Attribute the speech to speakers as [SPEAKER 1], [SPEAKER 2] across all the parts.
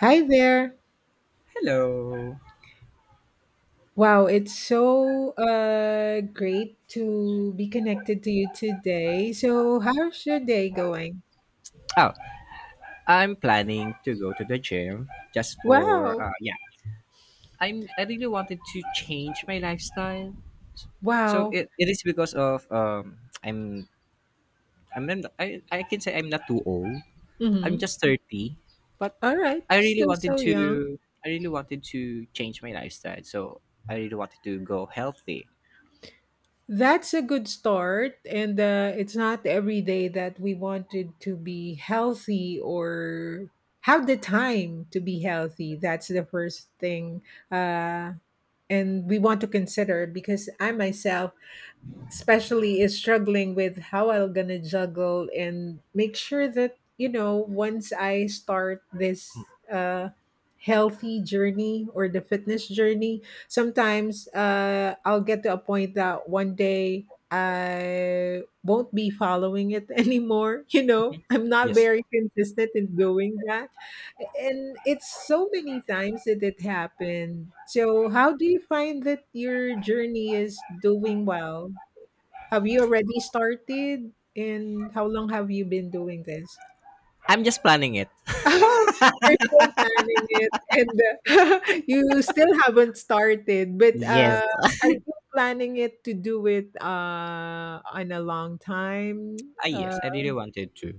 [SPEAKER 1] Hi there.
[SPEAKER 2] Hello.
[SPEAKER 1] Wow, it's so great to be connected to you today. So, how's your day going?
[SPEAKER 2] Oh, I'm planning to go to the gym just for
[SPEAKER 1] Wow.
[SPEAKER 2] yeah. I really wanted to change my lifestyle. So
[SPEAKER 1] Wow.
[SPEAKER 2] it is because of I'm I can say I'm not too old. I'm
[SPEAKER 1] Mm-hmm.
[SPEAKER 2] just 30, but
[SPEAKER 1] All right.
[SPEAKER 2] I really
[SPEAKER 1] Still
[SPEAKER 2] wanted
[SPEAKER 1] so young.
[SPEAKER 2] to I really wanted to change my lifestyle. So I really wanted to go healthy.
[SPEAKER 1] That's a good start. And it's not every day that we wanted to be healthy or have the time to be healthy. That's the first thing. Uh, and we want to consider because I myself especially is struggling with how I'm gonna juggle and make sure that you know once I start this healthy journey or the fitness journey. Sometimes I'll get to a point that one day I won't be following it anymore, you know. I'm not
[SPEAKER 2] Yes.
[SPEAKER 1] very consistent in doing that, and it's so many times that it happened. So how do you find that your journey is doing well? Have you already started? And how long have you been doing this?
[SPEAKER 2] I'm just planning it.
[SPEAKER 1] Oh, you're still planning it, and uh, you still haven't started, but,
[SPEAKER 2] Yes.
[SPEAKER 1] are you planning it to do it, on a long time?
[SPEAKER 2] Ah, yes. I really wanted to.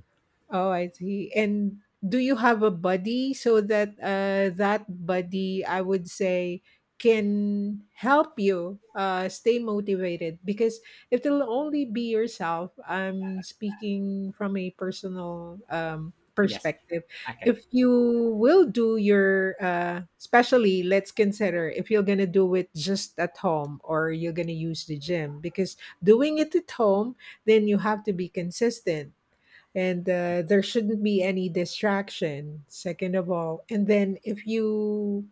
[SPEAKER 1] Oh, I see. And do you have a buddy so that that buddy, I would say, can help you stay motivated? Because if it'll only be yourself, I'm speaking from a personal
[SPEAKER 2] Yes.
[SPEAKER 1] perspective.
[SPEAKER 2] Okay.
[SPEAKER 1] If you will do your, especially let's consider if you're going to do it just at home or you're going to use the gym, because doing it at home, then you have to be consistent, and there shouldn't be any distraction, second of all. And then if you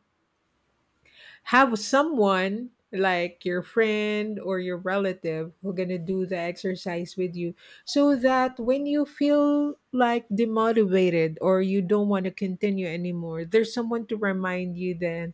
[SPEAKER 1] have someone like your friend or your relative who gonna do the exercise with you, so that when you feel like demotivated or you don't want to continue anymore, there's someone to remind you then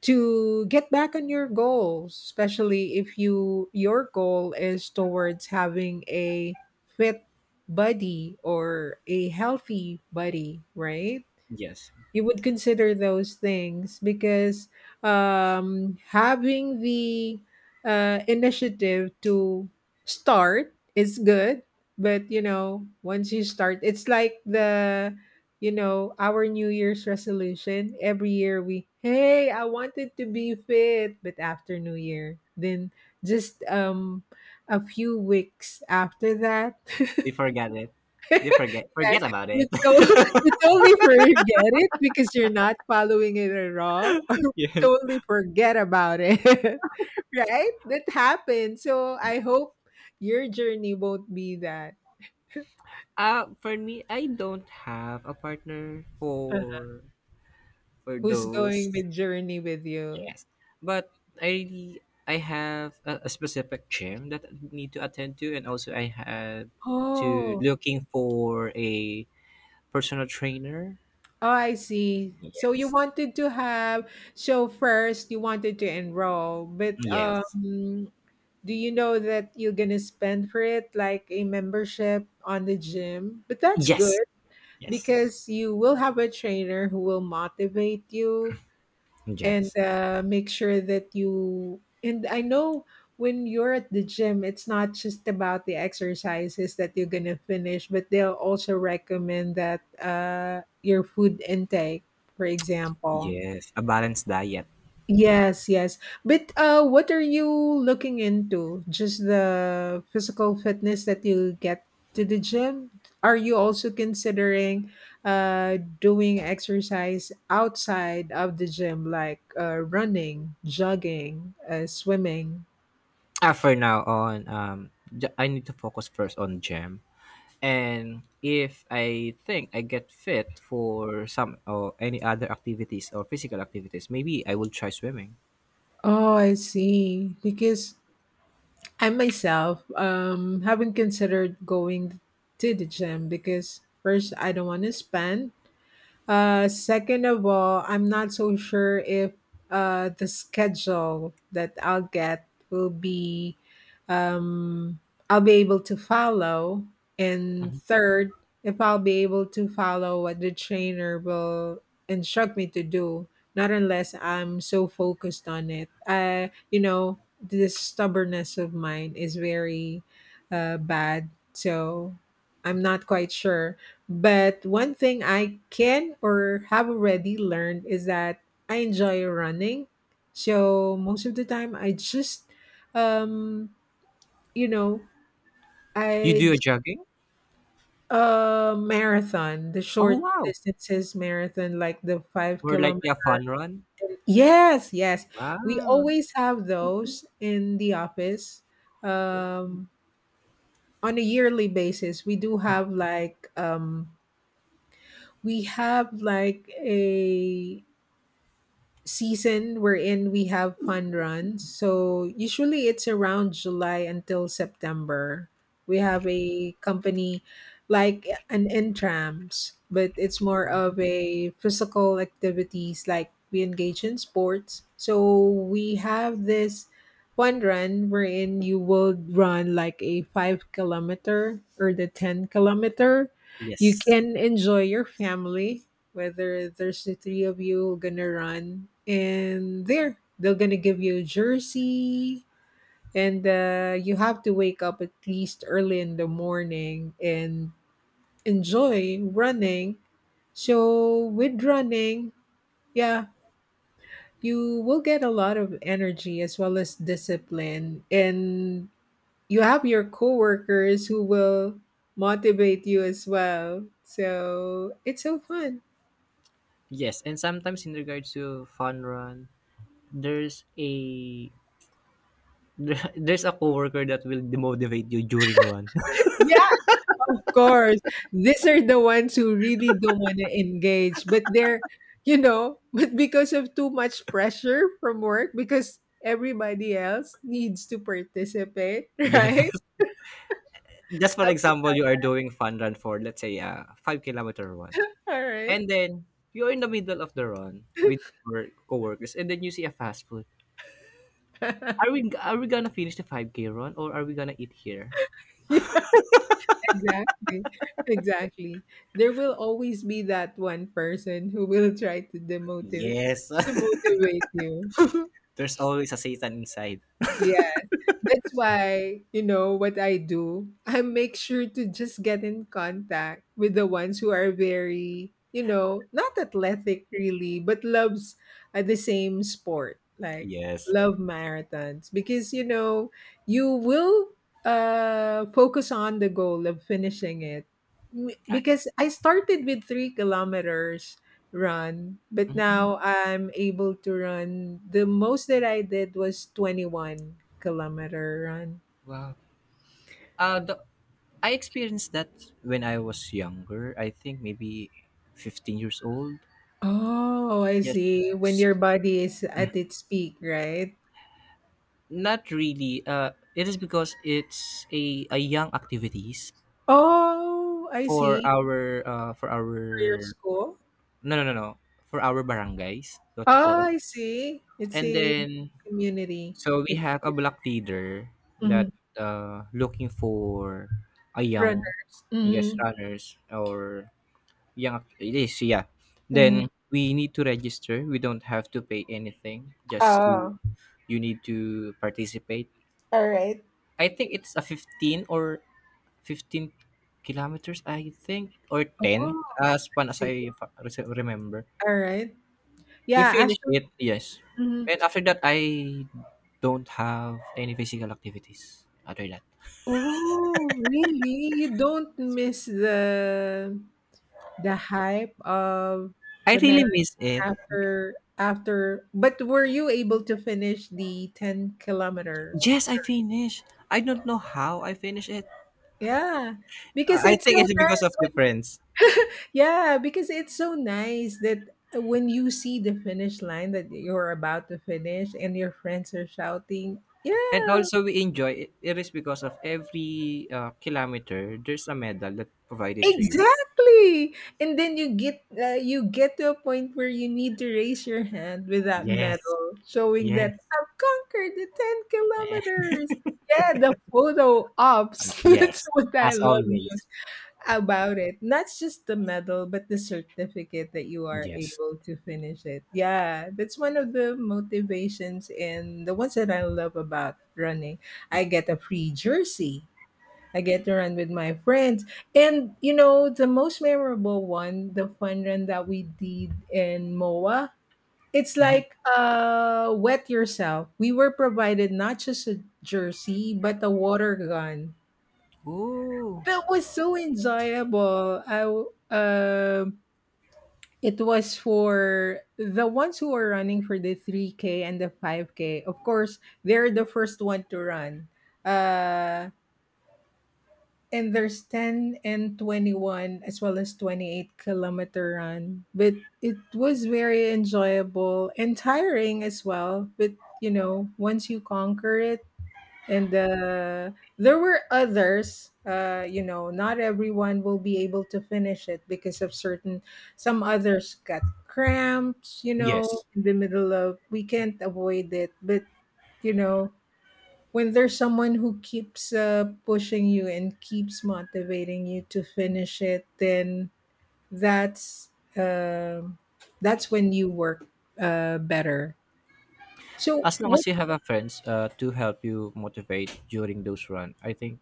[SPEAKER 1] to get back on your goals, especially if your goal is towards having a fit body or a healthy body, right?
[SPEAKER 2] Yes.
[SPEAKER 1] You would consider those things because having the initiative to start is good. But you know, once you start, it's like the, our New Year's resolution every year. We, hey, I wanted to be fit, but after New Year, then just a few weeks after that.
[SPEAKER 2] They forgot it. They forget
[SPEAKER 1] Yes,
[SPEAKER 2] forget about it.
[SPEAKER 1] you totally forget it because you're not following it at all, or
[SPEAKER 2] Yeah.
[SPEAKER 1] totally forget about it, right? That happens. So I hope your journey won't be that.
[SPEAKER 2] For me, I don't have a partner
[SPEAKER 1] Uh,
[SPEAKER 2] for
[SPEAKER 1] Who's going
[SPEAKER 2] those.
[SPEAKER 1] with journey with you?
[SPEAKER 2] Yes, but I have a specific gym that I need to attend to, and also I have to
[SPEAKER 1] Oh,
[SPEAKER 2] looking for a personal trainer.
[SPEAKER 1] oh, I see. So you
[SPEAKER 2] Yes,
[SPEAKER 1] wanted to have, so first you wanted to enroll, but
[SPEAKER 2] yes,
[SPEAKER 1] do you know that you're gonna spend for it like a membership on the gym? But that's good.
[SPEAKER 2] yes, yes,
[SPEAKER 1] Because you will have a trainer who will motivate you, and
[SPEAKER 2] yes,
[SPEAKER 1] make sure that you and I know, when you're at the gym, it's not just about the exercises that you're going to finish, but they'll also recommend that your food intake, for example.
[SPEAKER 2] yes. A balanced diet.
[SPEAKER 1] Yes, yes. But what are you looking into? Just the physical fitness that you get to the gym? Are you also considering doing exercise outside of the gym, like running, jogging, swimming?
[SPEAKER 2] Ah, for now on, I need to focus first on gym. And if I think I get fit for some or any other activities or physical activities, maybe I will try swimming.
[SPEAKER 1] Oh, I see. Because I myself haven't considered going to the gym because first, I don't want to spend. Second of all, I'm not so sure if the schedule that I'll get will be, um, I'll be able to follow. And
[SPEAKER 2] Mhm.
[SPEAKER 1] third, if I'll be able to follow what the trainer will instruct me to do, not unless I'm so focused on it. You know, this stubbornness of mine is very bad. So I'm not quite sure, but one thing I can or have already learned is that I enjoy running. So most of the time I just um you know,
[SPEAKER 2] You do
[SPEAKER 1] I
[SPEAKER 2] a jogging?
[SPEAKER 1] marathon, the
[SPEAKER 2] Oh
[SPEAKER 1] short
[SPEAKER 2] wow!
[SPEAKER 1] distances marathon like the 5
[SPEAKER 2] Or like
[SPEAKER 1] kilometer.
[SPEAKER 2] a fun run.
[SPEAKER 1] Yes, yes. We
[SPEAKER 2] Wow.
[SPEAKER 1] always have those in the office. Um on a yearly basis, we do have like we have like a season we're in, we have fun runs. So usually it's around July until September, we have a company like an intrams, but it's more of a physical activities, like we engage in sports. So we have this fun run wherein you will run like a 5 kilometer or the 10 kilometer. You
[SPEAKER 2] Yes.
[SPEAKER 1] can enjoy your family, whether there's the three of you gonna run, and there they're gonna give you a jersey. And you have to wake up at least early in the morning and enjoy running. So with running, yeah, you will get a lot of energy as well as discipline, and you have your coworkers who will motivate you as well. So it's so fun.
[SPEAKER 2] Yes, and sometimes in regards to fun run, there's a there's a coworker that will demotivate you during run.
[SPEAKER 1] Yeah, of course, these are the ones who really don't want to engage, but they're, you know, but because of too much pressure from work, because everybody else needs to participate,
[SPEAKER 2] Yeah.
[SPEAKER 1] right?
[SPEAKER 2] Just for
[SPEAKER 1] Am
[SPEAKER 2] example, you are doing fun run for let's say a 5 kilometer run,
[SPEAKER 1] All right.
[SPEAKER 2] and then you're in the middle of the run with your coworkers, and then you see a fast food. Are we gonna finish the 5K run or are we gonna eat here?
[SPEAKER 1] Yeah, exactly. Exactly. There will always be that one person who will try to
[SPEAKER 2] Yes,
[SPEAKER 1] demotivate you.
[SPEAKER 2] there's always a Satan inside.
[SPEAKER 1] Yeah. That's why, you know, what I do, I make sure to just get in contact with the ones who are very, you know, not athletic really, but loves the same sport, like
[SPEAKER 2] Yes.
[SPEAKER 1] love marathons because, you know, you will focus on the goal of finishing it. Because I started with 3 kilometers run, but now I'm able to run. The most that I did was 21-kilometer run.
[SPEAKER 2] Wow. Uh, the, I experienced that when I was younger. I think maybe 15 years old.
[SPEAKER 1] Oh, I
[SPEAKER 2] Yes.
[SPEAKER 1] see. When
[SPEAKER 2] S-
[SPEAKER 1] your body is at its peak, right?
[SPEAKER 2] Not really. It is because it's a young activities.
[SPEAKER 1] Oh, I see.
[SPEAKER 2] For
[SPEAKER 1] For your
[SPEAKER 2] our
[SPEAKER 1] school?
[SPEAKER 2] no, no, no, no, for our barangays, what we call
[SPEAKER 1] Oh,
[SPEAKER 2] it.
[SPEAKER 1] I see. It's
[SPEAKER 2] And
[SPEAKER 1] a
[SPEAKER 2] then,
[SPEAKER 1] community.
[SPEAKER 2] so we
[SPEAKER 1] Like,
[SPEAKER 2] have a block leader
[SPEAKER 1] mhm,
[SPEAKER 2] that, looking for a young,
[SPEAKER 1] runners.
[SPEAKER 2] yes,
[SPEAKER 1] Mm-hmm.
[SPEAKER 2] runners or young, it is, yeah.
[SPEAKER 1] Mm.
[SPEAKER 2] Then we need to register. We don't have to pay anything. Just to
[SPEAKER 1] Oh,
[SPEAKER 2] You need to participate.
[SPEAKER 1] all right.
[SPEAKER 2] I think it's a 15 or 15 kilometers, I think, or
[SPEAKER 1] Oh,
[SPEAKER 2] 10
[SPEAKER 1] I
[SPEAKER 2] as far as
[SPEAKER 1] see.
[SPEAKER 2] I remember.
[SPEAKER 1] All right.
[SPEAKER 2] We
[SPEAKER 1] Yeah,
[SPEAKER 2] finished
[SPEAKER 1] actually.
[SPEAKER 2] it, yes. And after that, I don't have any physical activities after that.
[SPEAKER 1] Oh, really? You don't miss the hype of
[SPEAKER 2] I
[SPEAKER 1] the
[SPEAKER 2] really
[SPEAKER 1] marathon
[SPEAKER 2] miss it.
[SPEAKER 1] after, but were you able to finish the 10 kilometer?
[SPEAKER 2] Yes, I finished. I don't know how I finished it.
[SPEAKER 1] Yeah, because
[SPEAKER 2] I
[SPEAKER 1] it's so
[SPEAKER 2] think it's because
[SPEAKER 1] nice
[SPEAKER 2] of
[SPEAKER 1] when,
[SPEAKER 2] the friends.
[SPEAKER 1] yeah, because it's so nice that when you see the finish line that you're about to finish and your friends are shouting,
[SPEAKER 2] And
[SPEAKER 1] yeah,
[SPEAKER 2] also, we enjoy it. It is because of every kilometer, there's a medal that provided to you.
[SPEAKER 1] exactly. And then you get to a point where you need to raise your hand with that
[SPEAKER 2] Yes,
[SPEAKER 1] medal showing
[SPEAKER 2] yes,
[SPEAKER 1] that I've conquered the 10 kilometers. Yeah, the photo ops. That's
[SPEAKER 2] yes.
[SPEAKER 1] what I
[SPEAKER 2] As
[SPEAKER 1] love
[SPEAKER 2] always.
[SPEAKER 1] most about it. Not just the medal, but the certificate that you are
[SPEAKER 2] Yes.
[SPEAKER 1] able to finish it. Yeah, that's one of the motivations and the ones that I love about running. I get a free jersey. I get to run with my friends. And you know, the most memorable one, the fun run that we did in MOA, it's
[SPEAKER 2] Mm-hmm.
[SPEAKER 1] like wet yourself. We were provided not just a jersey, but a water gun.
[SPEAKER 2] Ooh.
[SPEAKER 1] That was so enjoyable. It was for the ones who are running for the 3K and the 5K. Of course, they're the first one to run. Uh And there's 10 and 21 as well as 28-kilometer run. But it was very enjoyable and tiring as well. But you know, once you conquer it, and there were others, you know, not everyone will be able to finish it because of certain, some others got cramps, you know,
[SPEAKER 2] Yes.
[SPEAKER 1] in the middle of, we can't avoid it. But you know, when there's someone who keeps pushing you and keeps motivating you to finish it, then that's um that's when you work better. So
[SPEAKER 2] As long
[SPEAKER 1] what,
[SPEAKER 2] as you have a friends to help you motivate during those run, I think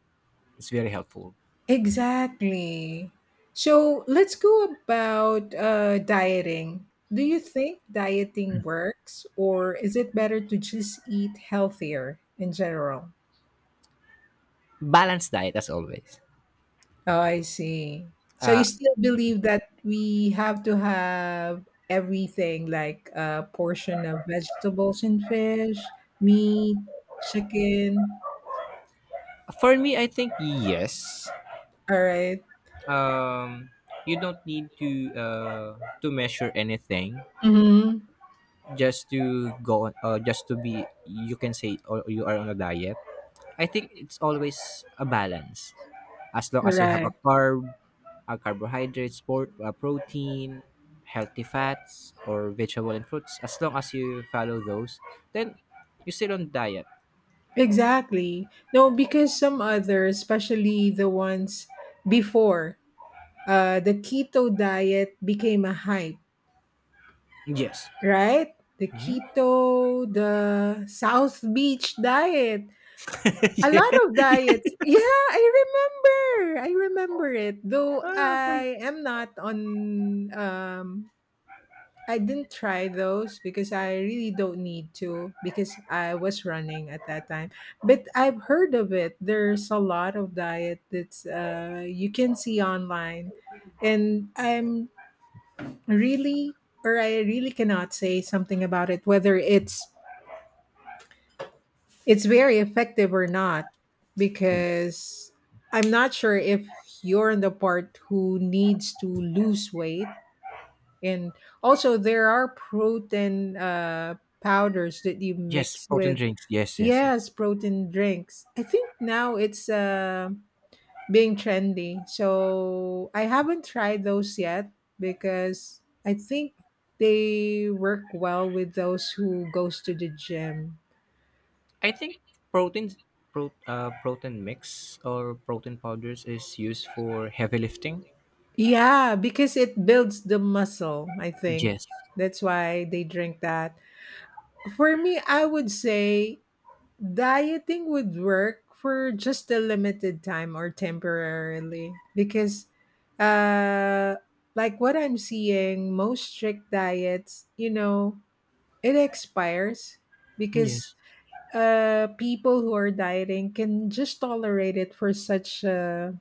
[SPEAKER 2] it's very helpful.
[SPEAKER 1] exactly. So let's go about dieting. Do you think dieting works, or is it better to just eat healthier in general?
[SPEAKER 2] Balanced diet, as always.
[SPEAKER 1] Oh, I see. So you
[SPEAKER 2] uh,
[SPEAKER 1] still believe that we have to have everything like a portion of vegetables and fish, meat, chicken.
[SPEAKER 2] for me, I think yes.
[SPEAKER 1] All right.
[SPEAKER 2] um, you don't need to measure anything.
[SPEAKER 1] Mm-hmm.
[SPEAKER 2] Just to go on, just to be, you can say, or you are on a diet. I think it's always a balance, as long as you have a
[SPEAKER 1] Correct.
[SPEAKER 2] carbohydrates, protein, healthy fats, or vegetable and fruits. As long as you follow those, then you're still on diet.
[SPEAKER 1] Exactly. No, because some others, especially the ones before, the keto diet became a hype,
[SPEAKER 2] Yes.
[SPEAKER 1] right? The
[SPEAKER 2] Yeah.
[SPEAKER 1] keto, the South Beach diet. A lot
[SPEAKER 2] Yeah.
[SPEAKER 1] of diets. Yeah, I remember. I remember it. Though
[SPEAKER 2] Ah, okay.
[SPEAKER 1] I am not on I didn't try those because I really don't need to because I was running at that time. But I've heard of it. There's a lot of diet that's you can see online, and really I really cannot say something about it whether it's very effective or not
[SPEAKER 2] Yes.
[SPEAKER 1] because I'm not sure if you're the part who needs to lose weight. And also, there are protein powders that you
[SPEAKER 2] Yes.
[SPEAKER 1] mix
[SPEAKER 2] Protein
[SPEAKER 1] with,
[SPEAKER 2] drinks. Yes. Yes. Yes.
[SPEAKER 1] yes, protein drinks. I think now it's being trendy. So I haven't tried those yet because I think they work well with those who goes to the gym.
[SPEAKER 2] I think protein, protein mix or protein powders is used for heavy lifting.
[SPEAKER 1] Yeah, because it builds the muscle, I think.
[SPEAKER 2] Yes.
[SPEAKER 1] That's why they drink that. For me, I would say dieting would work for just a limited time or temporarily because uh like what I'm seeing, most strict diets, you know, it expires
[SPEAKER 2] Yes.
[SPEAKER 1] because people who are dieting can just tolerate it for such a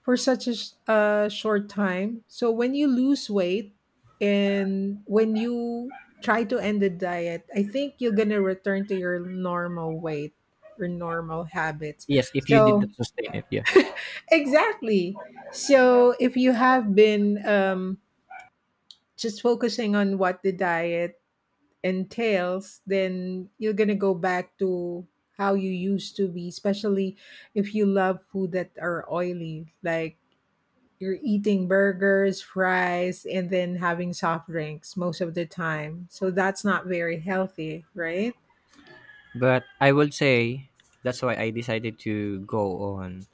[SPEAKER 1] short time. So when you lose weight and when you try to end the diet, I think you're gonna return to your normal weight, your normal habits.
[SPEAKER 2] Yes. If you did
[SPEAKER 1] So
[SPEAKER 2] not sustain it, yeah.
[SPEAKER 1] exactly. So if you have been just focusing on what the diet entails, then you're gonna go back to how you used to be, especially if you love food that are oily, like you're eating burgers, fries, and then having soft drinks most of the time. So that's not very healthy, right?
[SPEAKER 2] But I would say that's why I decided to go on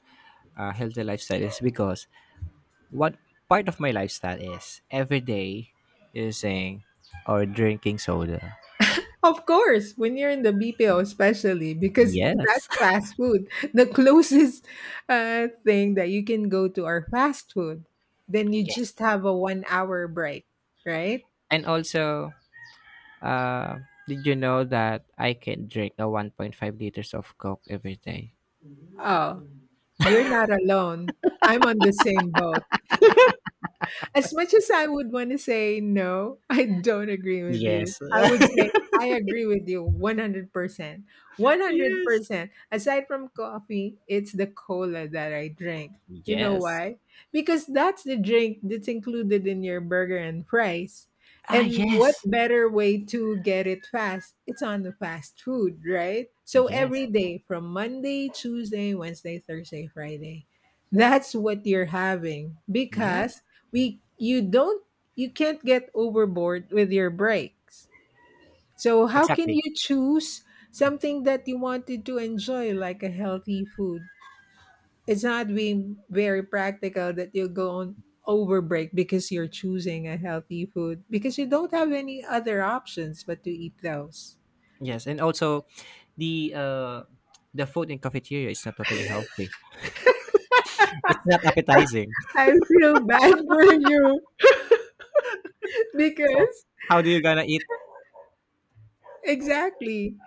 [SPEAKER 2] healthy lifestyle, is because what part of my lifestyle is every day using or drinking soda.
[SPEAKER 1] Of course, when you're in the BPO, especially because
[SPEAKER 2] Yes.
[SPEAKER 1] that's fast food. The closest thing that you can go to are fast food. Then you
[SPEAKER 2] Yes.
[SPEAKER 1] just have a 1 hour break, right?
[SPEAKER 2] And also, uh, did you know that I can drink a 1.5 liters of Coke every day?
[SPEAKER 1] Oh, you're not alone. I'm on the same boat. As much as I would want to say no, I don't agree with you.
[SPEAKER 2] Yes.
[SPEAKER 1] I would say I agree with you 100%.
[SPEAKER 2] Yes.
[SPEAKER 1] 100%. Aside from coffee, it's the cola that I drink. You know
[SPEAKER 2] Yes.
[SPEAKER 1] why? Because that's the drink that's included in your burger and fries.
[SPEAKER 2] Ah,
[SPEAKER 1] And what
[SPEAKER 2] yes.
[SPEAKER 1] better way to get it fast? It's on the fast food, right? So
[SPEAKER 2] Yes.
[SPEAKER 1] every day from Monday, Tuesday, Wednesday, Thursday, Friday, that's what you're having
[SPEAKER 2] Yes.
[SPEAKER 1] because we you don't, you can't get overboard with your breaks, so how can
[SPEAKER 2] Exactly.
[SPEAKER 1] you choose something that you wanted to enjoy like a healthy food? It's not being very practical that you go on over break because you're choosing a healthy food, because you don't have any other options but to eat those.
[SPEAKER 2] Yes. And also, the uh, the food in cafeteria is not totally healthy. It's not appetizing.
[SPEAKER 1] I feel bad for you
[SPEAKER 2] So
[SPEAKER 1] because
[SPEAKER 2] how do you gonna eat?
[SPEAKER 1] exactly.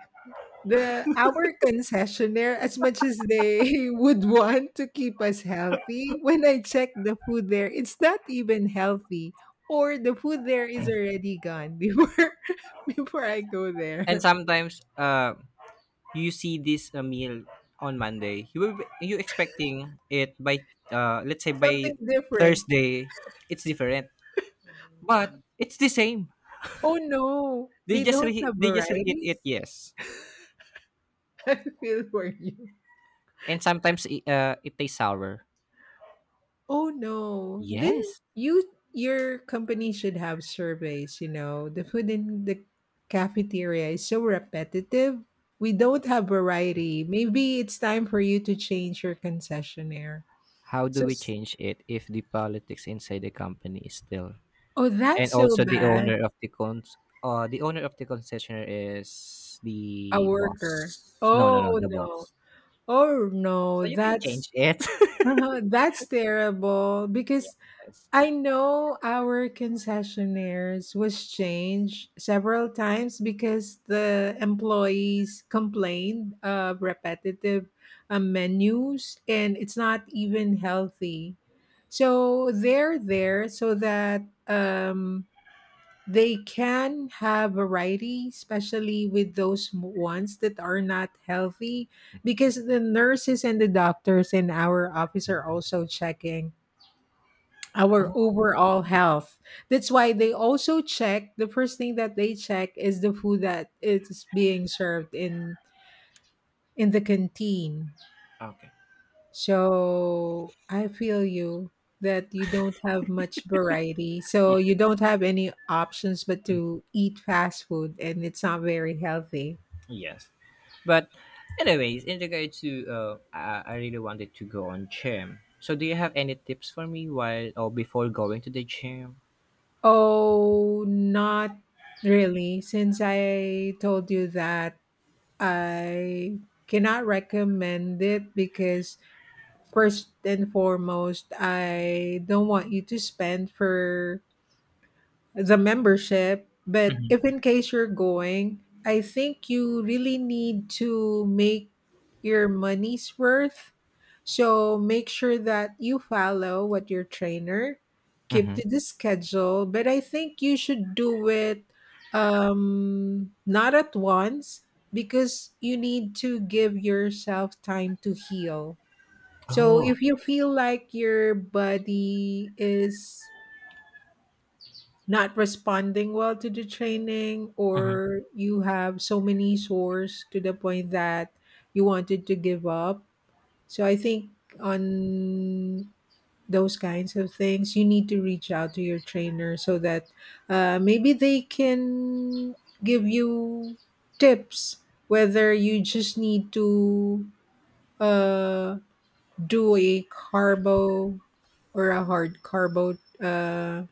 [SPEAKER 1] The Our concessionaire, as much as they would want to keep us healthy, when I check the food there, it's not even healthy. Or the food there is already gone before I go
[SPEAKER 2] And
[SPEAKER 1] there.
[SPEAKER 2] sometimes, you see this meal on Monday. You expecting it by let's say
[SPEAKER 1] Something
[SPEAKER 2] by
[SPEAKER 1] different.
[SPEAKER 2] Thursday, it's different, but it's the same.
[SPEAKER 1] Oh no,
[SPEAKER 2] They
[SPEAKER 1] they
[SPEAKER 2] just
[SPEAKER 1] don't
[SPEAKER 2] re-
[SPEAKER 1] have
[SPEAKER 2] they just reheat
[SPEAKER 1] varieties.
[SPEAKER 2] it. Yes,
[SPEAKER 1] I feel for you.
[SPEAKER 2] and sometimes it tastes sour.
[SPEAKER 1] Oh no. Then
[SPEAKER 2] Yes.
[SPEAKER 1] your company should have surveys, you know. The food in the cafeteria is so repetitive. We don't have variety. Maybe it's time for you to change your concessionaire.
[SPEAKER 2] How do
[SPEAKER 1] So
[SPEAKER 2] we
[SPEAKER 1] s-
[SPEAKER 2] change it if the politics inside the company is still,
[SPEAKER 1] oh, that's
[SPEAKER 2] and
[SPEAKER 1] so
[SPEAKER 2] also the
[SPEAKER 1] bad.
[SPEAKER 2] owner of the concessionaire is
[SPEAKER 1] A
[SPEAKER 2] the
[SPEAKER 1] worker.
[SPEAKER 2] boss. No, no, no,
[SPEAKER 1] Oh
[SPEAKER 2] the
[SPEAKER 1] no.
[SPEAKER 2] boss.
[SPEAKER 1] Oh no.
[SPEAKER 2] So you can
[SPEAKER 1] That's
[SPEAKER 2] change it.
[SPEAKER 1] that's terrible because
[SPEAKER 2] Yes.
[SPEAKER 1] I know our concessionaires was changed several times because the employees complained of repetitive menus, and it's not even healthy. So they're there so that they can have variety, especially with those ones that are not healthy, because the nurses and the doctors in our office are also checking our
[SPEAKER 2] Oh.
[SPEAKER 1] overall health. That's why they also check, the first thing that they check is the food that is being served in the canteen.
[SPEAKER 2] Okay.
[SPEAKER 1] So I feel you that you don't have much variety. So
[SPEAKER 2] Ye-
[SPEAKER 1] you don't have any options but to eat fast food, and it's not very healthy.
[SPEAKER 2] Yes. But anyways, in regard to I really wanted to go on gym. So do you have any tips for me while or before going to the gym?
[SPEAKER 1] Oh, not really. Since I told you that, I cannot recommend it because, first and foremost, I don't want you to spend for the membership. But if in case you're going, I think you really need to make your money's worth. So make sure that you follow what your trainer, keep
[SPEAKER 2] Mm-hmm.
[SPEAKER 1] to the schedule. But I think you should do it not at once because you need to give yourself time to heal. So
[SPEAKER 2] Oh.
[SPEAKER 1] if you feel like your body is not responding well to the training
[SPEAKER 2] Mhm.
[SPEAKER 1] or you have so many sores to the point that you wanted to give up, so I think on those kinds of things you need to reach out to your trainer so that maybe they can give you tips whether you just need to uh, do a carbo or a hard carbo, uh,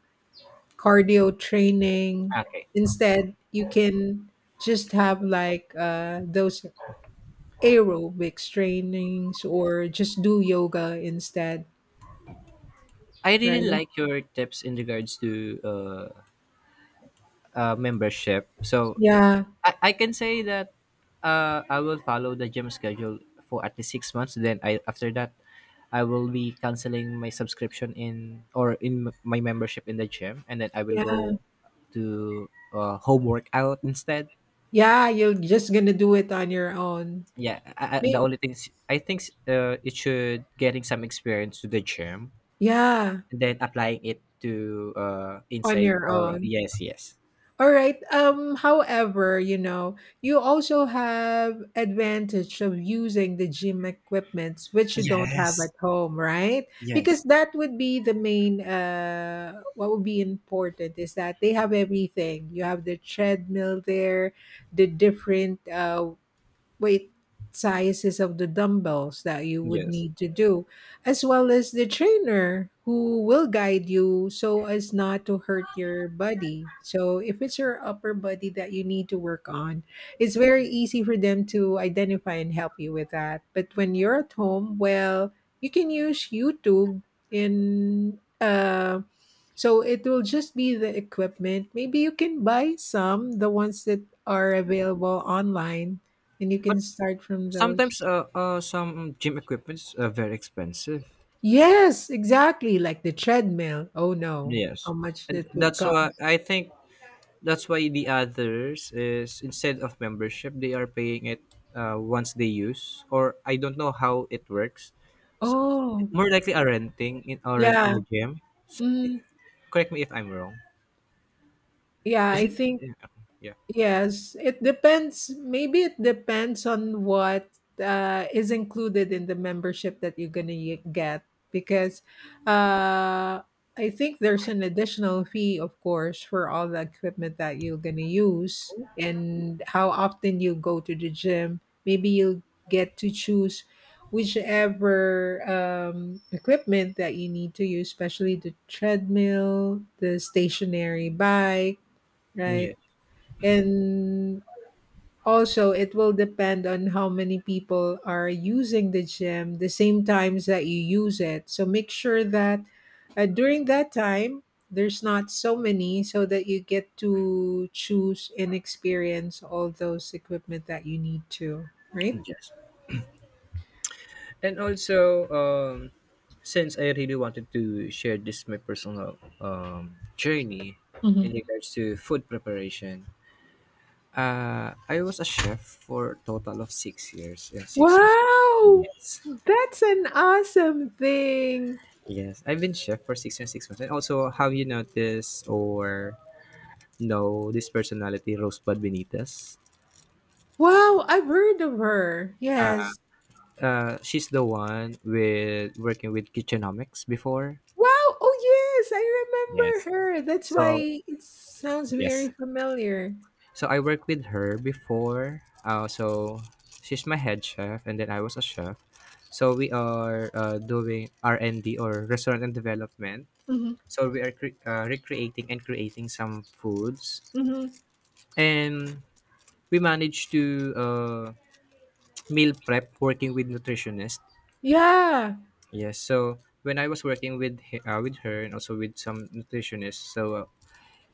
[SPEAKER 1] cardio training.
[SPEAKER 2] Okay.
[SPEAKER 1] Instead, you can just have like those aerobics trainings or just do yoga instead,
[SPEAKER 2] I really
[SPEAKER 1] right?
[SPEAKER 2] like your tips in regards to membership. So
[SPEAKER 1] Yeah,
[SPEAKER 2] I can say that I will follow the gym schedule for at least 6 months. Then I after that, I will be canceling my subscription in or in my membership in the gym, and then I will
[SPEAKER 1] yeah,
[SPEAKER 2] go to home workout instead.
[SPEAKER 1] yeah. You're just gonna do it on your own.
[SPEAKER 2] Yeah, I, the
[SPEAKER 1] May-
[SPEAKER 2] only thing is- I think it should getting some experience to the gym,
[SPEAKER 1] Yeah,
[SPEAKER 2] and then applying it to
[SPEAKER 1] on
[SPEAKER 2] inside
[SPEAKER 1] your
[SPEAKER 2] or
[SPEAKER 1] own.
[SPEAKER 2] yes, yes,
[SPEAKER 1] All right. However, you know, you also have advantage of using the gym equipments which you don't have at
[SPEAKER 2] yes.
[SPEAKER 1] home, right? Because
[SPEAKER 2] Yes.
[SPEAKER 1] that would be the main, what would be important is that they have everything. You have the treadmill there, the different weight sizes of the dumbbells that you would
[SPEAKER 2] Yes.
[SPEAKER 1] need to do, as well as the trainer who will guide you so as not to hurt your body. So, if it's your upper body that you need to work on, it's very easy for them to identify and help you with that. But when you're at home, well, you can use YouTube in. So it will just be the equipment. Maybe you can buy some, the ones that are available online, and you can
[SPEAKER 2] But
[SPEAKER 1] start from those.
[SPEAKER 2] sometimes, some gym equipments are very expensive.
[SPEAKER 1] Yes, exactly. Like the treadmill. Oh no,
[SPEAKER 2] Yes,
[SPEAKER 1] how much
[SPEAKER 2] and
[SPEAKER 1] that would
[SPEAKER 2] that's
[SPEAKER 1] cost.
[SPEAKER 2] why I think that's why the others is instead of membership, they are paying it once they use, or I don't know how it works. So
[SPEAKER 1] Oh,
[SPEAKER 2] more likely are rent in
[SPEAKER 1] yeah.
[SPEAKER 2] the gym. So,
[SPEAKER 1] Mm,
[SPEAKER 2] correct me if I'm wrong.
[SPEAKER 1] yeah,
[SPEAKER 2] Is
[SPEAKER 1] I
[SPEAKER 2] it?
[SPEAKER 1] think
[SPEAKER 2] Yeah. Yeah.
[SPEAKER 1] yes, it depends. Maybe it depends on what is included in the membership that you're going to get because uh, I think there's an additional fee, of course, for all the equipment that you're going to use and how often you go to the gym. Maybe you get to choose whichever equipment that you need to use, especially the treadmill, the stationary bike, right?
[SPEAKER 2] Yes.
[SPEAKER 1] And also, it will depend on how many people are using the gym the same times that you use it. So make sure that during that time, there's not so many so that you get to choose and experience all those equipment that you need to, right?
[SPEAKER 2] Yes. And also, since I really wanted to share this my personal journey in
[SPEAKER 1] Mhm.
[SPEAKER 2] regards to food preparation, I was a chef for a total of 6 years and 6 months.
[SPEAKER 1] Wow,
[SPEAKER 2] Yes.
[SPEAKER 1] that's an awesome thing.
[SPEAKER 2] Yes, I've been chef for 6 years and 6 months. And also, have you noticed or know this personality Rosebud Benitez?
[SPEAKER 1] Wow, I've heard of her.
[SPEAKER 2] uh,
[SPEAKER 1] Yes.
[SPEAKER 2] she's the one with working with Kitchenomics before.
[SPEAKER 1] Wow! Oh yes, I
[SPEAKER 2] Yes.
[SPEAKER 1] remember her. That's
[SPEAKER 2] So
[SPEAKER 1] why it sounds
[SPEAKER 2] yes.
[SPEAKER 1] very familiar.
[SPEAKER 2] So I worked with her before. So she's my head chef, and then I was a chef. So we are doing R and D or restaurant and development.
[SPEAKER 1] Mhm,
[SPEAKER 2] So we are recreating and creating some foods,
[SPEAKER 1] mhm.
[SPEAKER 2] and we managed to meal prep working with nutritionist.
[SPEAKER 1] Yeah.
[SPEAKER 2] Yes. So when I was working with with her and also with some nutritionists, so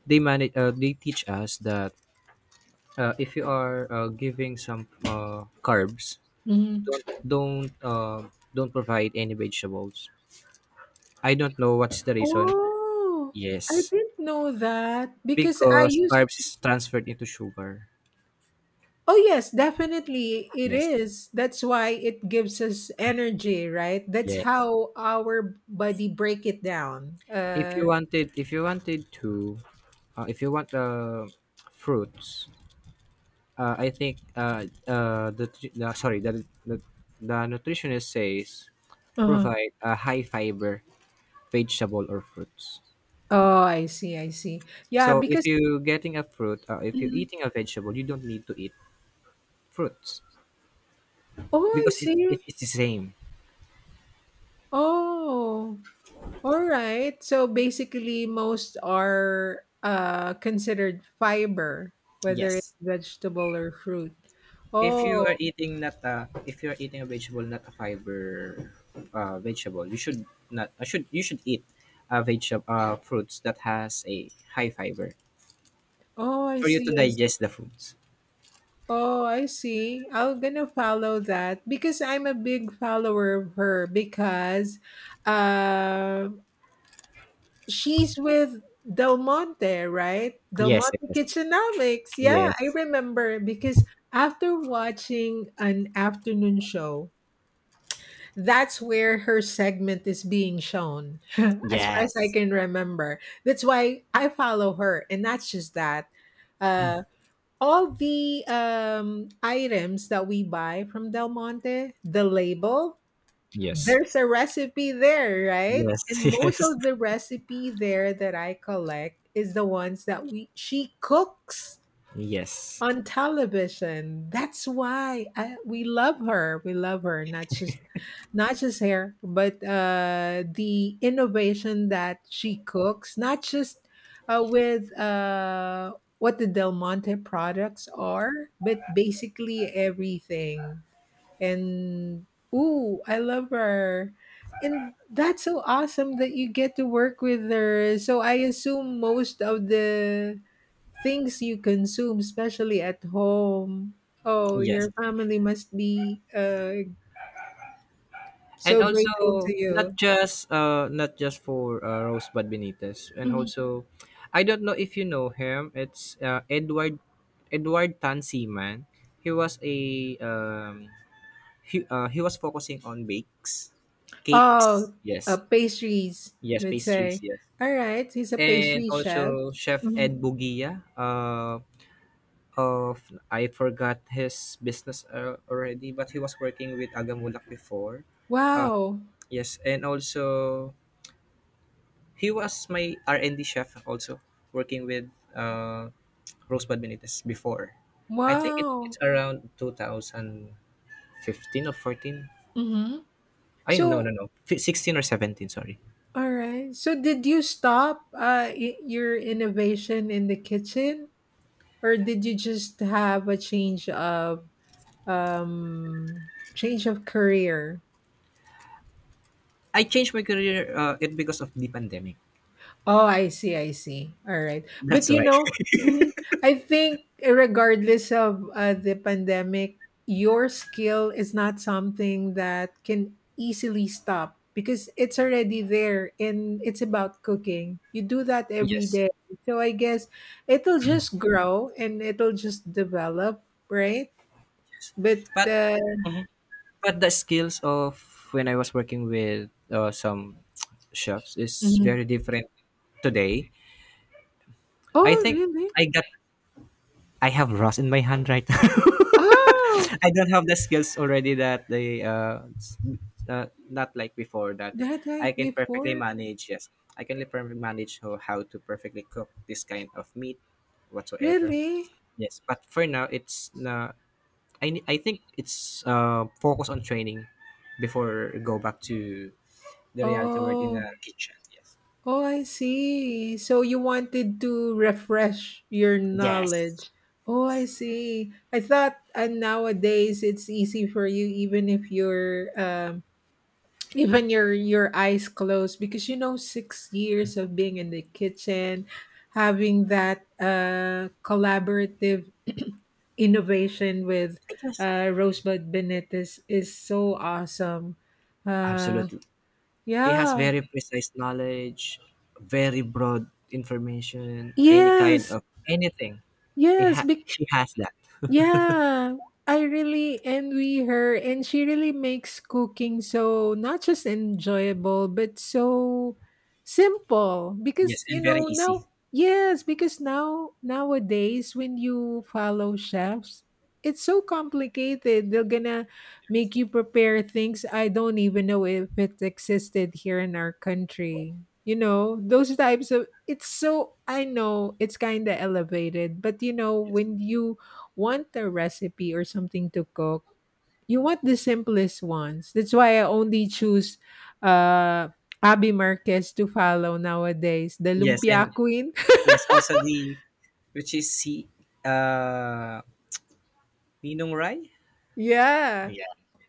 [SPEAKER 2] they teach us that if you are giving some carbs,
[SPEAKER 1] Mhm.
[SPEAKER 2] don't don't uh, don't provide any vegetables. I don't know what's the reason.
[SPEAKER 1] Oh, I
[SPEAKER 2] Yes,
[SPEAKER 1] didn't know that because I
[SPEAKER 2] because
[SPEAKER 1] used.
[SPEAKER 2] carbs is transferred into sugar.
[SPEAKER 1] Oh yes, definitely it
[SPEAKER 2] Yes,
[SPEAKER 1] is. That's why it gives us energy, right? That's
[SPEAKER 2] yes.
[SPEAKER 1] how our body break it down.
[SPEAKER 2] If you wanted, if you wanted to, if you want fruits, I think the, tr- the sorry the nutritionist says,
[SPEAKER 1] Uh-huh.
[SPEAKER 2] provide a high fiber vegetable or fruits.
[SPEAKER 1] Oh, I see, I see. Yeah,
[SPEAKER 2] So if
[SPEAKER 1] because
[SPEAKER 2] you getting a fruit, if you're
[SPEAKER 1] mhm.
[SPEAKER 2] eating a vegetable, you don't need to eat fruits.
[SPEAKER 1] Oh, I
[SPEAKER 2] Because it,
[SPEAKER 1] see.
[SPEAKER 2] it it's the same.
[SPEAKER 1] Oh. Alright, so basically most are considered fiber, whether it's
[SPEAKER 2] Yes.
[SPEAKER 1] vegetable or fruit. Oh,
[SPEAKER 2] If you are eating a vegetable, not a fiber vegetable, you should not I should you should eat a veg fruits that has a high fiber
[SPEAKER 1] oh, I
[SPEAKER 2] for you
[SPEAKER 1] see.
[SPEAKER 2] to
[SPEAKER 1] I see.
[SPEAKER 2] digest the foods.
[SPEAKER 1] Oh, I see. I'm gonna follow that because I'm a big follower of her because uh, she's with Del Monte, right? Del
[SPEAKER 2] Yes.
[SPEAKER 1] Monte Kitchenomics. Yeah, I
[SPEAKER 2] Yes.
[SPEAKER 1] remember because after watching an afternoon show, that's where her segment is being shown as far as I
[SPEAKER 2] Yes.
[SPEAKER 1] can remember. That's why I follow her. And that's just that, uh all the items that we buy from Del Monte, the label,
[SPEAKER 2] Yes.
[SPEAKER 1] there's a recipe there, right? And
[SPEAKER 2] Yes.
[SPEAKER 1] most
[SPEAKER 2] Yes.
[SPEAKER 1] of the recipe there that I collect is the ones that we she cooks
[SPEAKER 2] Yes.
[SPEAKER 1] on television. That's why we love her. We love her, not just not just her, but the innovation that she cooks, not just with what the Del Monte products are, but basically everything. And ooh, I love her. And that's so awesome that you get to work with her. So I assume most of the things you consume, especially at home, oh,
[SPEAKER 2] Yes.
[SPEAKER 1] your
[SPEAKER 2] Yes.
[SPEAKER 1] family must be
[SPEAKER 2] And
[SPEAKER 1] so grateful
[SPEAKER 2] also,
[SPEAKER 1] to
[SPEAKER 2] not
[SPEAKER 1] you.
[SPEAKER 2] just uh not just for Rosebud Benitez. And
[SPEAKER 1] Mhm.
[SPEAKER 2] also, I don't know if you know him, it's Edward Tan Seaman. He was a um he, uh, he was focusing on bakes, cakes,
[SPEAKER 1] Oh,
[SPEAKER 2] yes,
[SPEAKER 1] pastries,
[SPEAKER 2] yes,
[SPEAKER 1] let's
[SPEAKER 2] pastries,
[SPEAKER 1] say.
[SPEAKER 2] yes.
[SPEAKER 1] All right, he's a
[SPEAKER 2] And
[SPEAKER 1] pastry chef.
[SPEAKER 2] also, Chef
[SPEAKER 1] Mhm.
[SPEAKER 2] Ed Bugia, of, I forgot his business already, but he was working with Agamulak before. uh,
[SPEAKER 1] Wow.
[SPEAKER 2] yes. And also, he was my R&D chef also, working with uh, Rosebud Benitez before. I think it,
[SPEAKER 1] Wow.
[SPEAKER 2] it's around 2015 or 14.
[SPEAKER 1] Hmm.
[SPEAKER 2] I, no,
[SPEAKER 1] So
[SPEAKER 2] no, no, 16 or 17. Sorry.
[SPEAKER 1] all right. So did you stop your innovation in the kitchen, or did you just have a um change of career?
[SPEAKER 2] I changed my career it because of the pandemic.
[SPEAKER 1] Oh, I see, I see. All right. But
[SPEAKER 2] That's
[SPEAKER 1] you
[SPEAKER 2] why.
[SPEAKER 1] know, mhm, I think regardless of the pandemic, your skill is not something that can easily stop because it's already there and it's about cooking. You do that every
[SPEAKER 2] Yes,
[SPEAKER 1] day. So I guess it'll just grow and it'll just develop, right? But
[SPEAKER 2] but mhm. But the skills of when I was working with some chefs is
[SPEAKER 1] mhm.
[SPEAKER 2] very different today. I
[SPEAKER 1] Oh,
[SPEAKER 2] think
[SPEAKER 1] really?
[SPEAKER 2] I got I have rust in my hand right now.
[SPEAKER 1] Oh,
[SPEAKER 2] I don't have the skills already that not like before that
[SPEAKER 1] that like
[SPEAKER 2] I can perfectly
[SPEAKER 1] before?
[SPEAKER 2] manage. Yes, I can perfectly manage how to perfectly cook this kind of meat whatsoever.
[SPEAKER 1] Really?
[SPEAKER 2] Yes, but for now, it's na I ne- I think it's focus on training before go back to the reality world in
[SPEAKER 1] Oh,
[SPEAKER 2] the kitchen. Yes.
[SPEAKER 1] oh, I see. So you wanted to refresh your
[SPEAKER 2] Yes.
[SPEAKER 1] knowledge. Oh, I see. I thought nowadays it's easy for you even if you're even your eyes closed because you know 6 years of being in the kitchen, having that collaborative innovation with
[SPEAKER 2] I just
[SPEAKER 1] Rosebud Benitez is so awesome. Uh
[SPEAKER 2] absolutely He has
[SPEAKER 1] yeah.
[SPEAKER 2] very precise knowledge, very broad information, any kind
[SPEAKER 1] Yes.
[SPEAKER 2] of anything. He
[SPEAKER 1] Yes,
[SPEAKER 2] ha-
[SPEAKER 1] because
[SPEAKER 2] he has that.
[SPEAKER 1] yeah, I really envy her, and she really makes cooking so not just enjoyable, but so simple. Because
[SPEAKER 2] Yes,
[SPEAKER 1] you
[SPEAKER 2] and very
[SPEAKER 1] know now,
[SPEAKER 2] easy.
[SPEAKER 1] yes, because now nowadays when you follow chefs, it's so complicated. They're gonna make you prepare things I don't even know if it existed here in our country. You know those types of. It's so, I know it's kind of elevated, but you know
[SPEAKER 2] Yes.
[SPEAKER 1] when you want a recipe or something to cook, you want the simplest ones. That's why I only choose uh Abby Marquez to follow nowadays, the
[SPEAKER 2] Yes,
[SPEAKER 1] lumpia
[SPEAKER 2] and
[SPEAKER 1] queen.
[SPEAKER 2] yes, also the, which is he, uh Ninong Rai?
[SPEAKER 1] Yeah.
[SPEAKER 2] Yeah.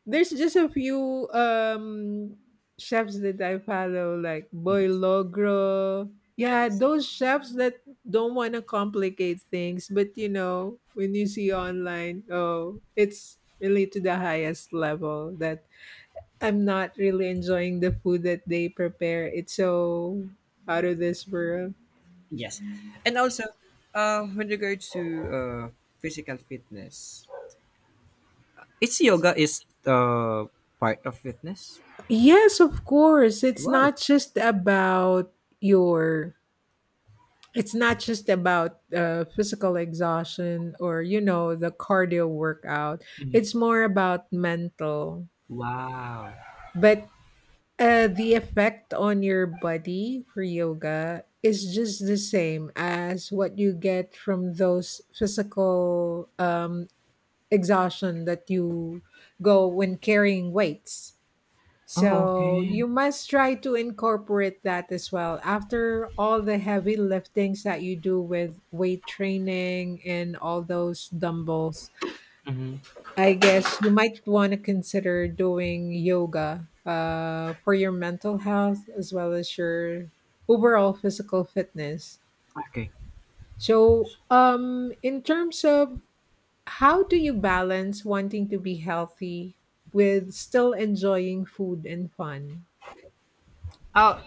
[SPEAKER 1] There's just a few chefs that I follow like Boy
[SPEAKER 2] Yes.
[SPEAKER 1] Logro. Yeah,
[SPEAKER 2] Yes.
[SPEAKER 1] those chefs that don't want to complicate things, but you know, when you see online, oh, it's really to the highest level that I'm not really enjoying the food that they prepare. It's so out of this world.
[SPEAKER 2] Yes. And also, with regards to uh physical fitness. Is yoga is part of fitness?
[SPEAKER 1] Yes, of course. It's
[SPEAKER 2] Wow.
[SPEAKER 1] not just about your, it's not just about physical exhaustion or you know the cardio workout.
[SPEAKER 2] Mhm.
[SPEAKER 1] It's more about mental.
[SPEAKER 2] Wow.
[SPEAKER 1] But the effect on your body for yoga is just the same as what you get from those physical exhaustion that you go when carrying weights.
[SPEAKER 2] Oh,
[SPEAKER 1] So
[SPEAKER 2] okay.
[SPEAKER 1] you must try to incorporate that as well. After all the heavy liftings that you do with weight training and all those dumbbells,
[SPEAKER 2] Mm-hmm.
[SPEAKER 1] I guess you might want to consider doing yoga for your mental health as well as your overall physical fitness.
[SPEAKER 2] Okay.
[SPEAKER 1] So, in terms of how do you balance wanting to be healthy with still enjoying food and fun?
[SPEAKER 2] Uh,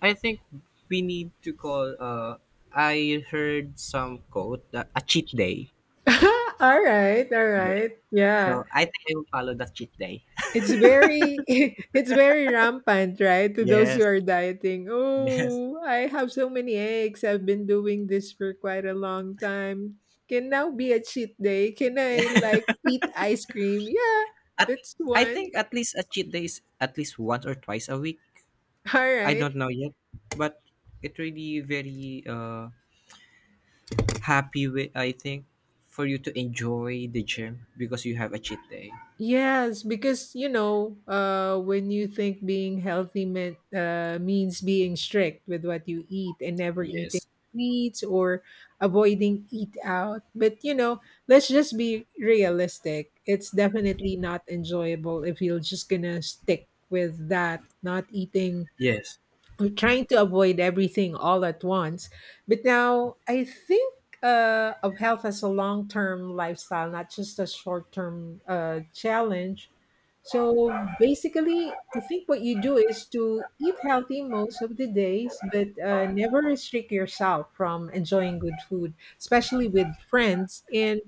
[SPEAKER 2] I think we need to call. I heard some quote that a cheat day.
[SPEAKER 1] All right, all
[SPEAKER 2] Yeah.
[SPEAKER 1] right. Yeah.
[SPEAKER 2] So I think I will follow that cheat day.
[SPEAKER 1] It's very it's very rampant, right? To those who
[SPEAKER 2] Yes,
[SPEAKER 1] are dieting.
[SPEAKER 2] yes.
[SPEAKER 1] Oh, I have so many eggs. I've been doing this for quite a long time. Can now be a cheat day. Can I like eat ice cream? Yeah,
[SPEAKER 2] At,
[SPEAKER 1] that's
[SPEAKER 2] I
[SPEAKER 1] one.
[SPEAKER 2] think at least a cheat day is at least once or twice a week.
[SPEAKER 1] All
[SPEAKER 2] I
[SPEAKER 1] right.
[SPEAKER 2] don't know yet, but it really very happy with, I think, for you to enjoy the gym because you have a cheat day.
[SPEAKER 1] Yes, because when you think being healthy meant means being strict with what you eat and never eating
[SPEAKER 2] Yes.
[SPEAKER 1] sweets or avoiding eat out. But you know, let's just be realistic. It's definitely not enjoyable if you're just gonna stick with that, not eating
[SPEAKER 2] Yes.
[SPEAKER 1] we're trying to avoid everything all at once. But now I think of health as a long term lifestyle, not just a short term challenge. So basically, I think what you do is to eat healthy most of the days, but never restrict yourself from enjoying good food, especially with friends and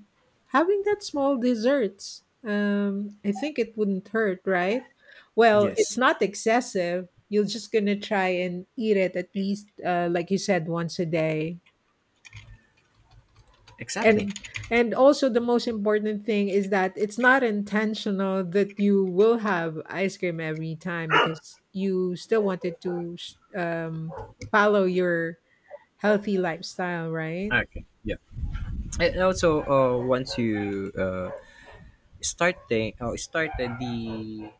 [SPEAKER 1] having that small desserts. I think it wouldn't hurt, right? Well, it's
[SPEAKER 2] Yes.
[SPEAKER 1] not excessive, you're just gonna try and eat it at least like you said once a day
[SPEAKER 2] Exactly.
[SPEAKER 1] and also the most important thing is that it's not intentional that you will have ice cream every time because you still wanted to follow your healthy lifestyle, right?
[SPEAKER 2] Okay. Yeah. And also, once you started the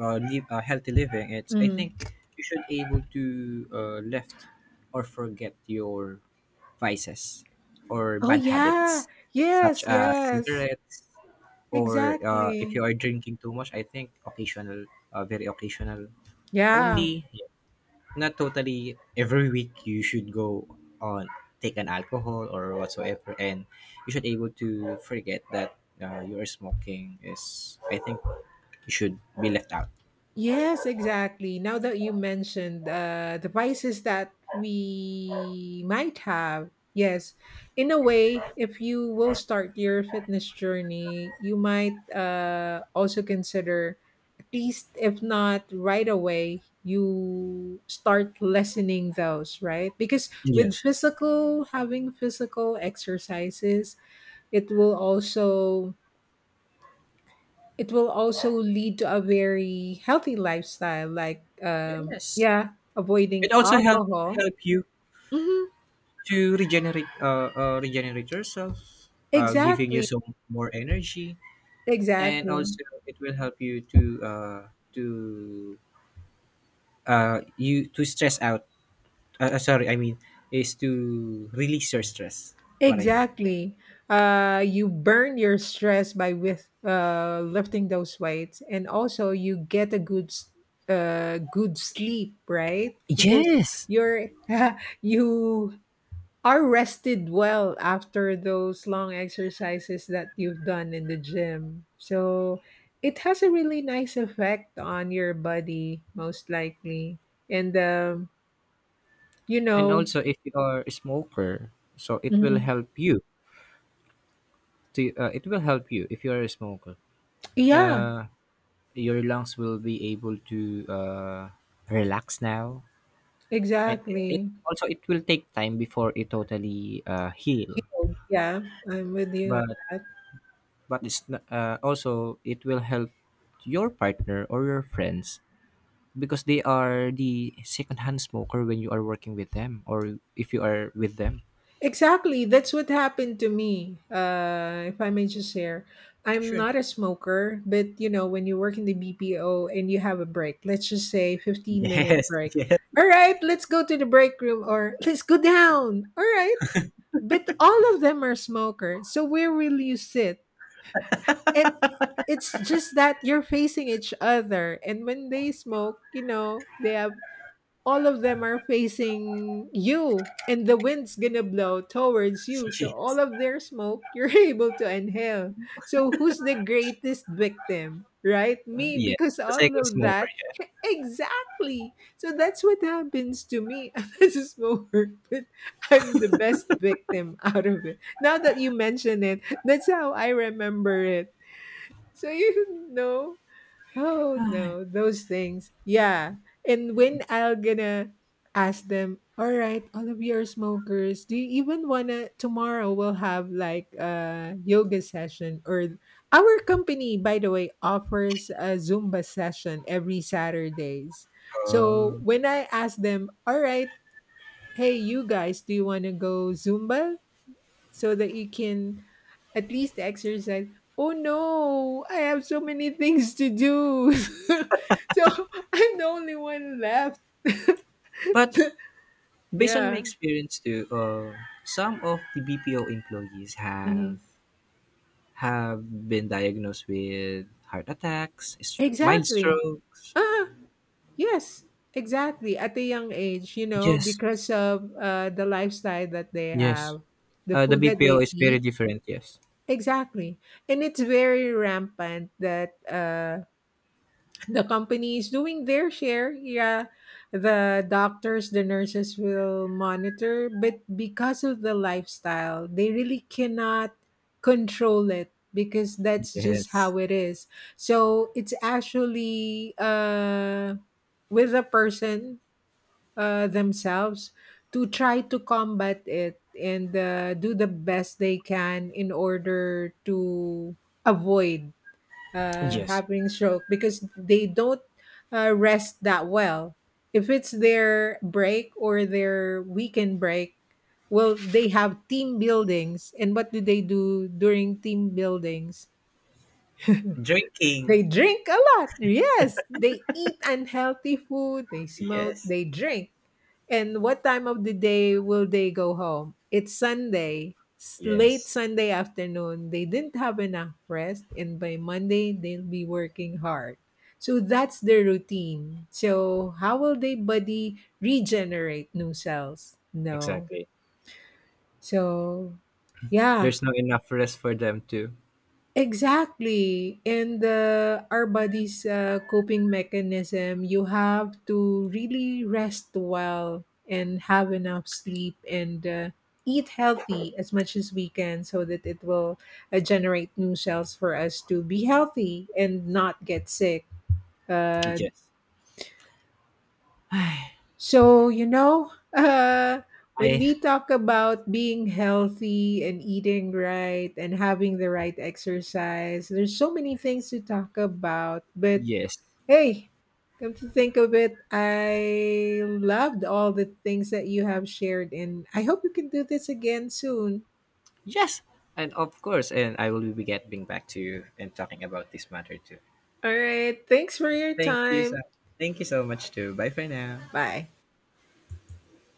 [SPEAKER 2] uh, live, uh, healthy living, it's I think
[SPEAKER 1] Mhm.
[SPEAKER 2] you should able to left or forget your vices or
[SPEAKER 1] Oh
[SPEAKER 2] bad
[SPEAKER 1] yeah,
[SPEAKER 2] habits,
[SPEAKER 1] yes,
[SPEAKER 2] such as
[SPEAKER 1] yes.
[SPEAKER 2] cigarettes, or if
[SPEAKER 1] Exactly.
[SPEAKER 2] you are drinking too much, I think occasional, very occasional
[SPEAKER 1] Yeah.
[SPEAKER 2] only, not totally every week. You should go on, take an alcohol or whatsoever, and you should able to forget that your smoking is, I think, you should be left out.
[SPEAKER 1] Yes, exactly. Now that you mentioned the vices that we might have, yes, in a way, if you will start your fitness journey, you might also consider, at least if not right away, you start lessening those, right? Because
[SPEAKER 2] Yes.
[SPEAKER 1] having physical exercises, it will also lead to a very healthy lifestyle like
[SPEAKER 2] Yes,
[SPEAKER 1] yeah, avoiding
[SPEAKER 2] it also help
[SPEAKER 1] alcohol.
[SPEAKER 2] help you
[SPEAKER 1] Hmm.
[SPEAKER 2] to regenerate yourself, giving you
[SPEAKER 1] Exactly.
[SPEAKER 2] some more energy. And
[SPEAKER 1] Exactly.
[SPEAKER 2] also, it will help you to you to stress out. Sorry, I mean, is to release your stress, what I mean, yeah.
[SPEAKER 1] Exactly. You burn your stress by with lifting those weights and also you get a good sleep, right? Because
[SPEAKER 2] Yes,
[SPEAKER 1] you're you are rested well after those long exercises that you've done in the gym. So it has a really nice effect on your body, most likely. And, you
[SPEAKER 2] and
[SPEAKER 1] know,
[SPEAKER 2] also if you are a smoker, so it will
[SPEAKER 1] mhm.
[SPEAKER 2] help you. To It will help you if you are a smoker.
[SPEAKER 1] Yeah,
[SPEAKER 2] Uh, your lungs will be able to uh, relax now, and it
[SPEAKER 1] exactly.
[SPEAKER 2] also it will take time before it totally
[SPEAKER 1] You
[SPEAKER 2] heal.
[SPEAKER 1] know, yeah, I'm with you on
[SPEAKER 2] But
[SPEAKER 1] that.
[SPEAKER 2] but it's not, also it will help your partner or your friends because they are the secondhand smoker when you are working with them or if you are with them.
[SPEAKER 1] Exactly. That's what happened to me. If I may just share, I'm
[SPEAKER 2] Sure.
[SPEAKER 1] not a smoker, but you know, when you work in the BPO and you have a break, let's just say 15-minute
[SPEAKER 2] Yes,
[SPEAKER 1] break.
[SPEAKER 2] yes,
[SPEAKER 1] All right, let's go to the break room or let's go down. All right. But all of them are smokers. So where will you sit? And it's just that you're facing each other. And when they smoke, you know, they have all of them are facing you and the wind's gonna blow towards you so all
[SPEAKER 2] yes,
[SPEAKER 1] of their smoke you're able to inhale so who's the greatest victim, right? Me,
[SPEAKER 2] yeah.
[SPEAKER 1] because
[SPEAKER 2] The
[SPEAKER 1] all
[SPEAKER 2] second
[SPEAKER 1] of
[SPEAKER 2] smoker,
[SPEAKER 1] that
[SPEAKER 2] yeah.
[SPEAKER 1] exactly, so that's what happens to me as a smoker. But I'm the best victim out of it. Now that you mention it, that's how I remember it. So you know, oh no, those things. Yeah. And when I'm gonna ask them, all right, all of you are smokers, do you even wanna tomorrow we'll have like a yoga session or our company, by the way, offers a Zumba session every Saturdays. So when I ask them, all right, hey you guys, do you wanna go Zumba? So that you can at least exercise. Oh no, I have so many things to do. So I'm the only one left.
[SPEAKER 2] But based on my
[SPEAKER 1] Yeah.
[SPEAKER 2] experience too, some of the BPO employees have
[SPEAKER 1] Mhm.
[SPEAKER 2] have been diagnosed with heart attacks, mild
[SPEAKER 1] Exactly.
[SPEAKER 2] strokes.
[SPEAKER 1] Ah, yes. Exactly. At a young age, you know,
[SPEAKER 2] Yes,
[SPEAKER 1] because of the lifestyle that they
[SPEAKER 2] yes.
[SPEAKER 1] have, the
[SPEAKER 2] The
[SPEAKER 1] food that
[SPEAKER 2] BPO
[SPEAKER 1] they
[SPEAKER 2] is very
[SPEAKER 1] eat.
[SPEAKER 2] different. Yes,
[SPEAKER 1] Exactly. And it's very rampant that the company is doing their share, yeah, the doctors, the nurses will monitor, but because of the lifestyle they really cannot control it because that's just
[SPEAKER 2] yes,
[SPEAKER 1] how it is. So it's actually with the person themselves to try to combat it and do the best they can in order to avoid
[SPEAKER 2] yes.
[SPEAKER 1] having stroke because they don't rest that well. If it's their break or their weekend break, well, they have team buildings. And what do they do during team buildings? They
[SPEAKER 2] Drinking.
[SPEAKER 1] drink a lot. Yes. They eat unhealthy food. They smoke.
[SPEAKER 2] Yes,
[SPEAKER 1] They drink. And what time of the day will they go home? It's Sunday, late
[SPEAKER 2] yes.
[SPEAKER 1] Sunday afternoon. They didn't have enough rest, and by Monday, they'll be working hard. So that's their routine. So, how will they body regenerate new cells? No.
[SPEAKER 2] Exactly.
[SPEAKER 1] So, yeah,
[SPEAKER 2] There's not enough rest for them to.
[SPEAKER 1] exactly. And our body's coping mechanism, you have to really rest well and have enough sleep and eat healthy as much as we can so that it will generate new cells for us to be healthy and not get sick. Uh,
[SPEAKER 2] Yes,
[SPEAKER 1] So, you know, uh, when
[SPEAKER 2] I
[SPEAKER 1] we talk about being healthy and eating right and having the right exercise, there's so many things to talk about. But
[SPEAKER 2] yes.
[SPEAKER 1] hey, come to think of it, I loved all the things that you have shared, and I hope you can do this again soon.
[SPEAKER 2] Yes. And of course, and I will be getting back to you and talking about this matter too.
[SPEAKER 1] All right. Thanks for your
[SPEAKER 2] Thank you so
[SPEAKER 1] time.
[SPEAKER 2] Thank you so much too. Bye for now.
[SPEAKER 1] Bye.